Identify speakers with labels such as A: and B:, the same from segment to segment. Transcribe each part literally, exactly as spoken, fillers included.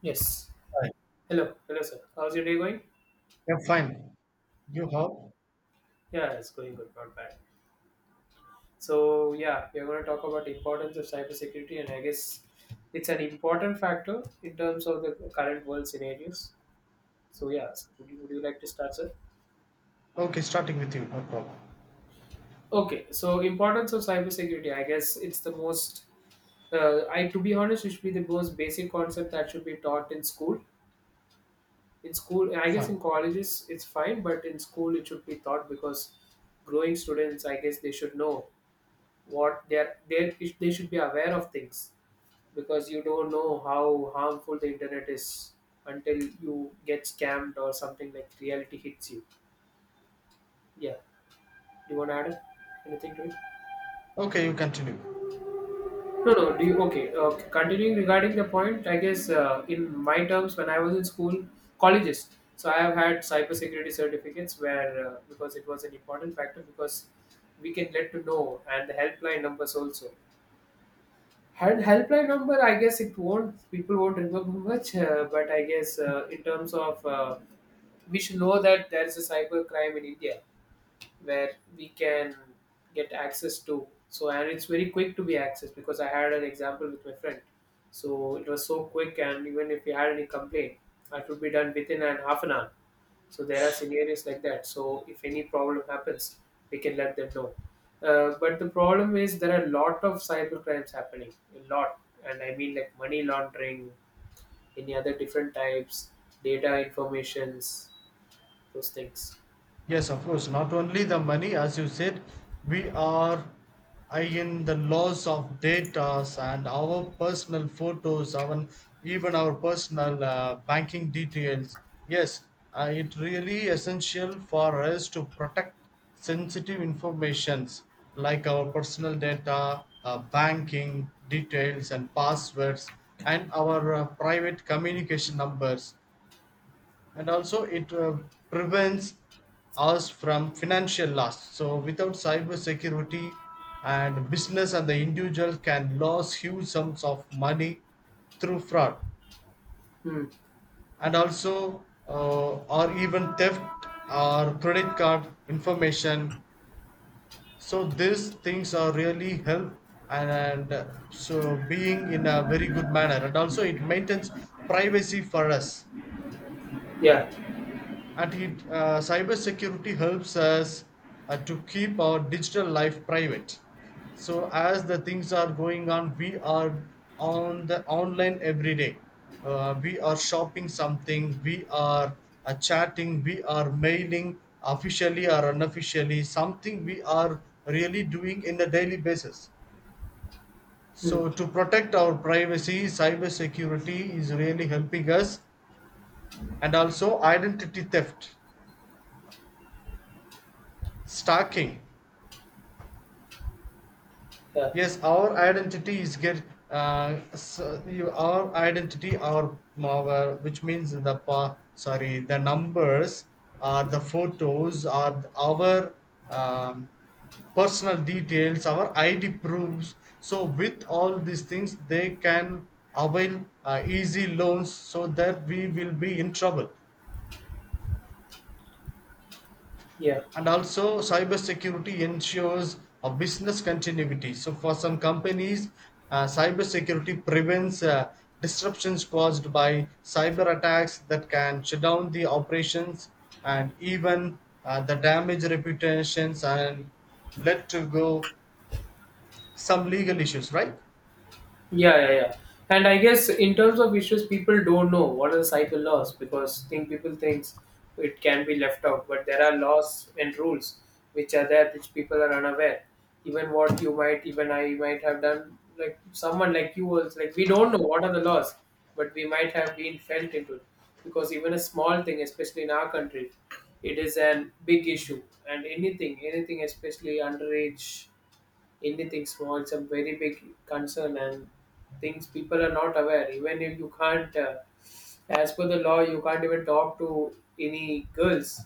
A: Yes.
B: Fine.
A: Hello. Hello, sir. How's your day going?
B: Yeah, fine. You how?
A: Yeah, it's going good, not bad. So, yeah, we're going to talk about importance of cybersecurity, and I guess it's an important factor in terms of the current world scenarios. So, yeah, so would you, would you like to start, sir?
B: Okay, starting with you. No problem.
A: Okay. So, importance of cybersecurity. I guess it's the most. Uh, I to be honest, it should be the most basic concept that should be taught in school. In school, I guess in
B: Fine.
A: colleges it's fine, but in school it should be taught because growing students, I guess they should know what they're they they should be aware of things because you don't know how harmful the internet is until you get scammed or something like reality hits you. Yeah. Do you want to add it? Anything to it?
B: Okay, you continue.
A: No, no. Do you okay? Uh, continuing regarding the point, I guess uh, in my terms, when I was in school, colleges. So I have had cybersecurity certificates where uh, because it was an important factor because we can let to know and the helpline numbers also. Had helpline number, I guess it won't. People won't remember much, uh, but I guess uh, in terms of, uh, we should know that there is a cyber crime in India where we can get access to. So, and it's very quick to be accessed because I had an example with my friend. So, it was so quick, and even if we had any complaint, that would be done within an half an hour. So there are scenarios like that. So if any problem happens, we can let them know. Uh, but the problem is there are a lot of cyber crimes happening, a lot, and I mean like money laundering, any other different types, data informations, those things.
B: Yes, of course. Not only the money, as you said, we are uh, in the loss of data and our personal photos, our even our personal uh, banking details. Yes, uh, it really essential for us to protect sensitive informations like our personal data, uh, banking details and passwords, and our uh, private communication numbers, and also it uh, prevents us from financial loss. So without cyber security, and business and the individual can lose huge sums of money through fraud,
A: Hmm.
B: and also uh, or even theft or credit card information. So these things are really help, and, and uh, so being in a very good manner, and also it maintains privacy for us.
A: Yeah.
B: And it, uh, cybersecurity helps us uh, to keep our digital life private. So as the things are going on, we are on the online every day. Uh, we are shopping something, we are uh, chatting, we are mailing officially or unofficially, something we are really doing in a daily basis.
A: Hmm.
B: So to protect our privacy, cybersecurity is really helping us, and also identity theft, stalking,
A: Yeah.
B: yes our identity is get uh, so you, our identity our, our which means the pa, sorry the numbers or the photos or our um, personal details, our id proofs. So with all these things they can avail uh, easy loans, so that we will be in trouble.
A: Yeah,
B: And also cybersecurity ensures a business continuity. So for some companies uh, cybersecurity prevents uh, disruptions caused by cyber attacks that can shut down the operations, and even uh, the damage reputations and led to go some legal issues, right?
A: yeah, yeah, yeah. And I guess in terms of issues, people don't know what are the cycle laws because think people thinks it can be left out, but there are laws and rules which are there which people are unaware. Even what you might, even I might have done, like someone like you was like we don't know what are the laws, but we might have been felt into it because even a small thing, especially in our country, it is an big issue. And anything, anything, especially underage anything small it's a very big concern and things people are not aware even if you can't uh, as per the law, you can't even talk to any girls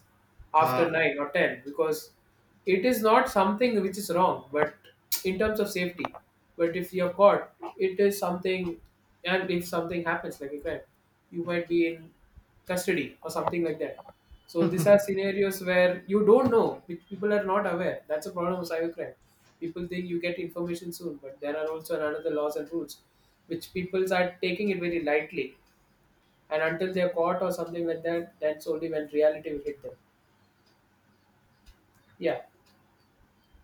A: after
B: Ah.
A: nine or ten because it is not something which is wrong, but in terms of safety. But if you're caught, it is something, and if something happens like a crime, you might be in custody or something like that. So these are scenarios where you don't know, pe- people are not aware. That's a problem of cybercrime. People think you get information soon, but there are also another laws and rules which people are taking it very lightly and until they're caught or something like that, that's only when reality will hit them. Yeah.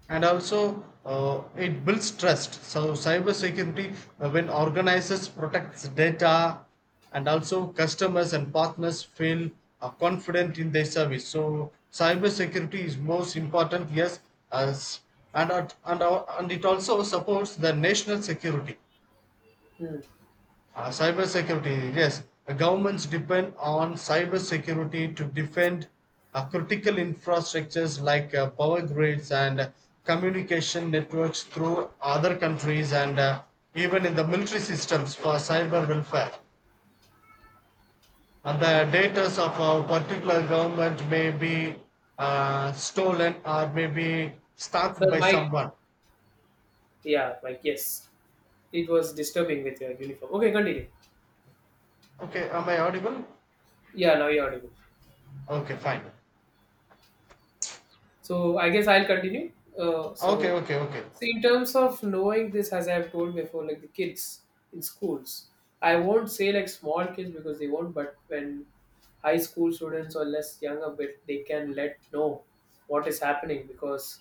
B: And also uh, it builds trust. So cybersecurity, uh, when organizers protects data, and also customers and partners feel uh, confident in their service, so cybersecurity is most important, yes. As and at- and, our- and it also supports the national security.
A: Hmm.
B: Uh, cyber security, yes. The governments depend on cyber security to defend uh, critical infrastructures like uh, power grids and communication networks through other countries, and uh, even in the military systems for cyber welfare. And the data of a particular government may be uh, stolen or may be stalked
A: So
B: by
A: Mike,
B: someone.
A: yeah, Mike, yes, it was disturbing with your uniform. Okay, continue.
B: Okay, am I audible?
A: Yeah, now you're audible.
B: Okay, fine.
A: So I guess I'll continue. Uh,
B: Okay,
A: so,
B: okay, okay.
A: so in terms of knowing this, as I've told before, like the kids in schools, I won't say like small kids because they won't. But when high school students or less young a bit, they can let know what is happening because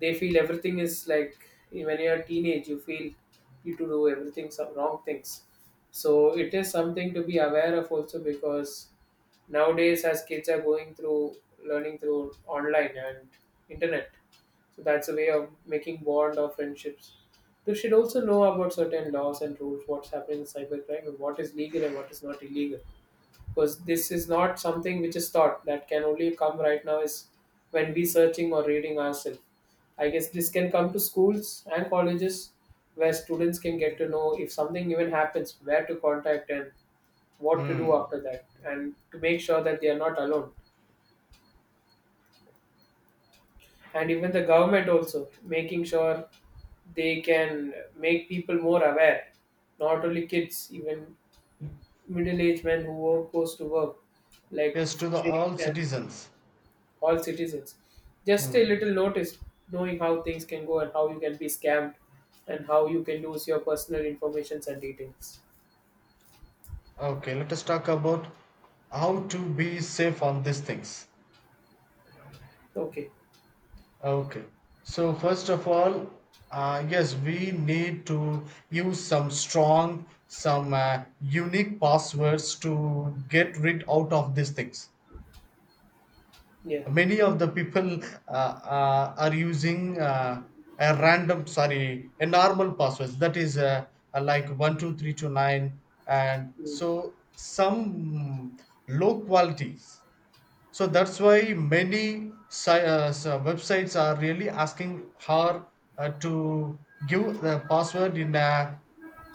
A: they feel everything is like when you're a teenage, you feel you to do everything some wrong things. So it is something to be aware of also because nowadays as kids are going through learning through online and internet, so that's a way of making bond or friendships. They should also know about certain laws and rules, what's happening in cybercrime and what is legal and what is not illegal, because this is not something which is taught, that can only come right now is when we searching or reading ourselves. I guess this can come to schools and colleges where students can get to know if something even happens, where to contact and what to do
B: Hmm.
A: after that, and to make sure that they are not alone. And even the government also making sure they can make people more aware, not only kids, even middle-aged men who work, goes to work like
B: Yes, to the
A: fishing
B: all
A: and
B: citizens.
A: all citizens. Just a
B: Hmm.
A: little notice, knowing how things can go and how you can be scammed and how you can lose your personal informations and details.
B: Okay, let us talk about how to be safe on these things.
A: Okay.
B: Okay, so first of all, uh, yes, we need to use some strong, some uh, unique passwords to get rid out of these things.
A: Yeah.
B: Many of the people uh, uh, are using uh, a random, sorry, a normal passwords. That is uh, uh, like one two three two nine, and
A: Mm.
B: so some low qualities. So that's why many si- uh, s- uh, websites are really asking her uh, to give the password in a,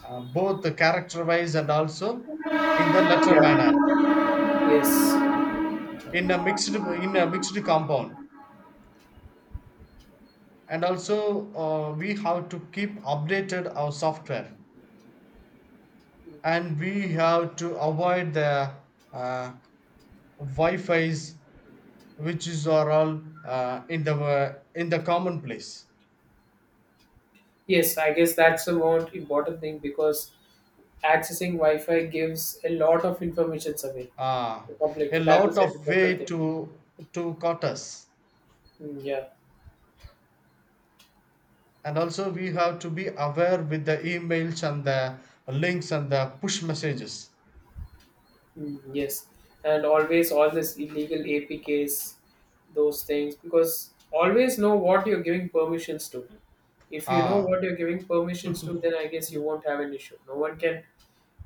B: uh, both the character wise, and also in the letter manner,
A: Yeah. Yes.
B: in a mixed in a mixed compound. And also uh, we have to keep updated our software, and we have to avoid the uh, Wi-Fi's which is are all uh, in the uh, in the common place.
A: Yes, I guess that's the more important thing because accessing Wi-Fi gives a lot of information away.
B: Ah,
A: The
B: a
A: public that
B: lot
A: was an
B: of
A: important
B: way
A: thing.
B: to to cut us.
A: Mm, yeah.
B: And also we have to be aware with the emails and the links and the push messages.
A: Mm, yes, and always all this illegal A P Ks, those things, because always know what you're giving permissions to. If you know
B: Ah,
A: what you're giving permissions to, then I guess you won't have an issue. No one can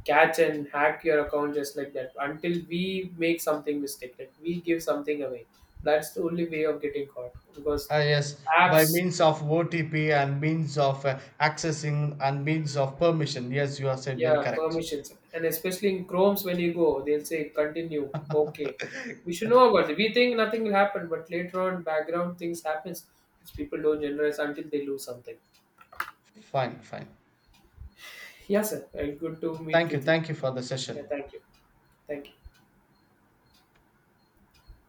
A: catch and hack your account just like that until we make something mistake, like we give something away. That's the only way of getting caught because
B: ah, yes, by
A: apps,
B: means of O T P and means of uh, accessing and means of permission. Yes, you are said very
A: yeah,
B: correct.
A: permissions, and especially in chromes when you go they'll say continue okay. We should know about it, we think nothing will happen, but later on background things happens which people don't generalize until they lose something.
B: Fine, fine.
A: Yeah, sir, and good to meet
B: Thank you.
A: with you.
B: Thank you for the
A: Yeah,
B: session.
A: thank you. Thank you.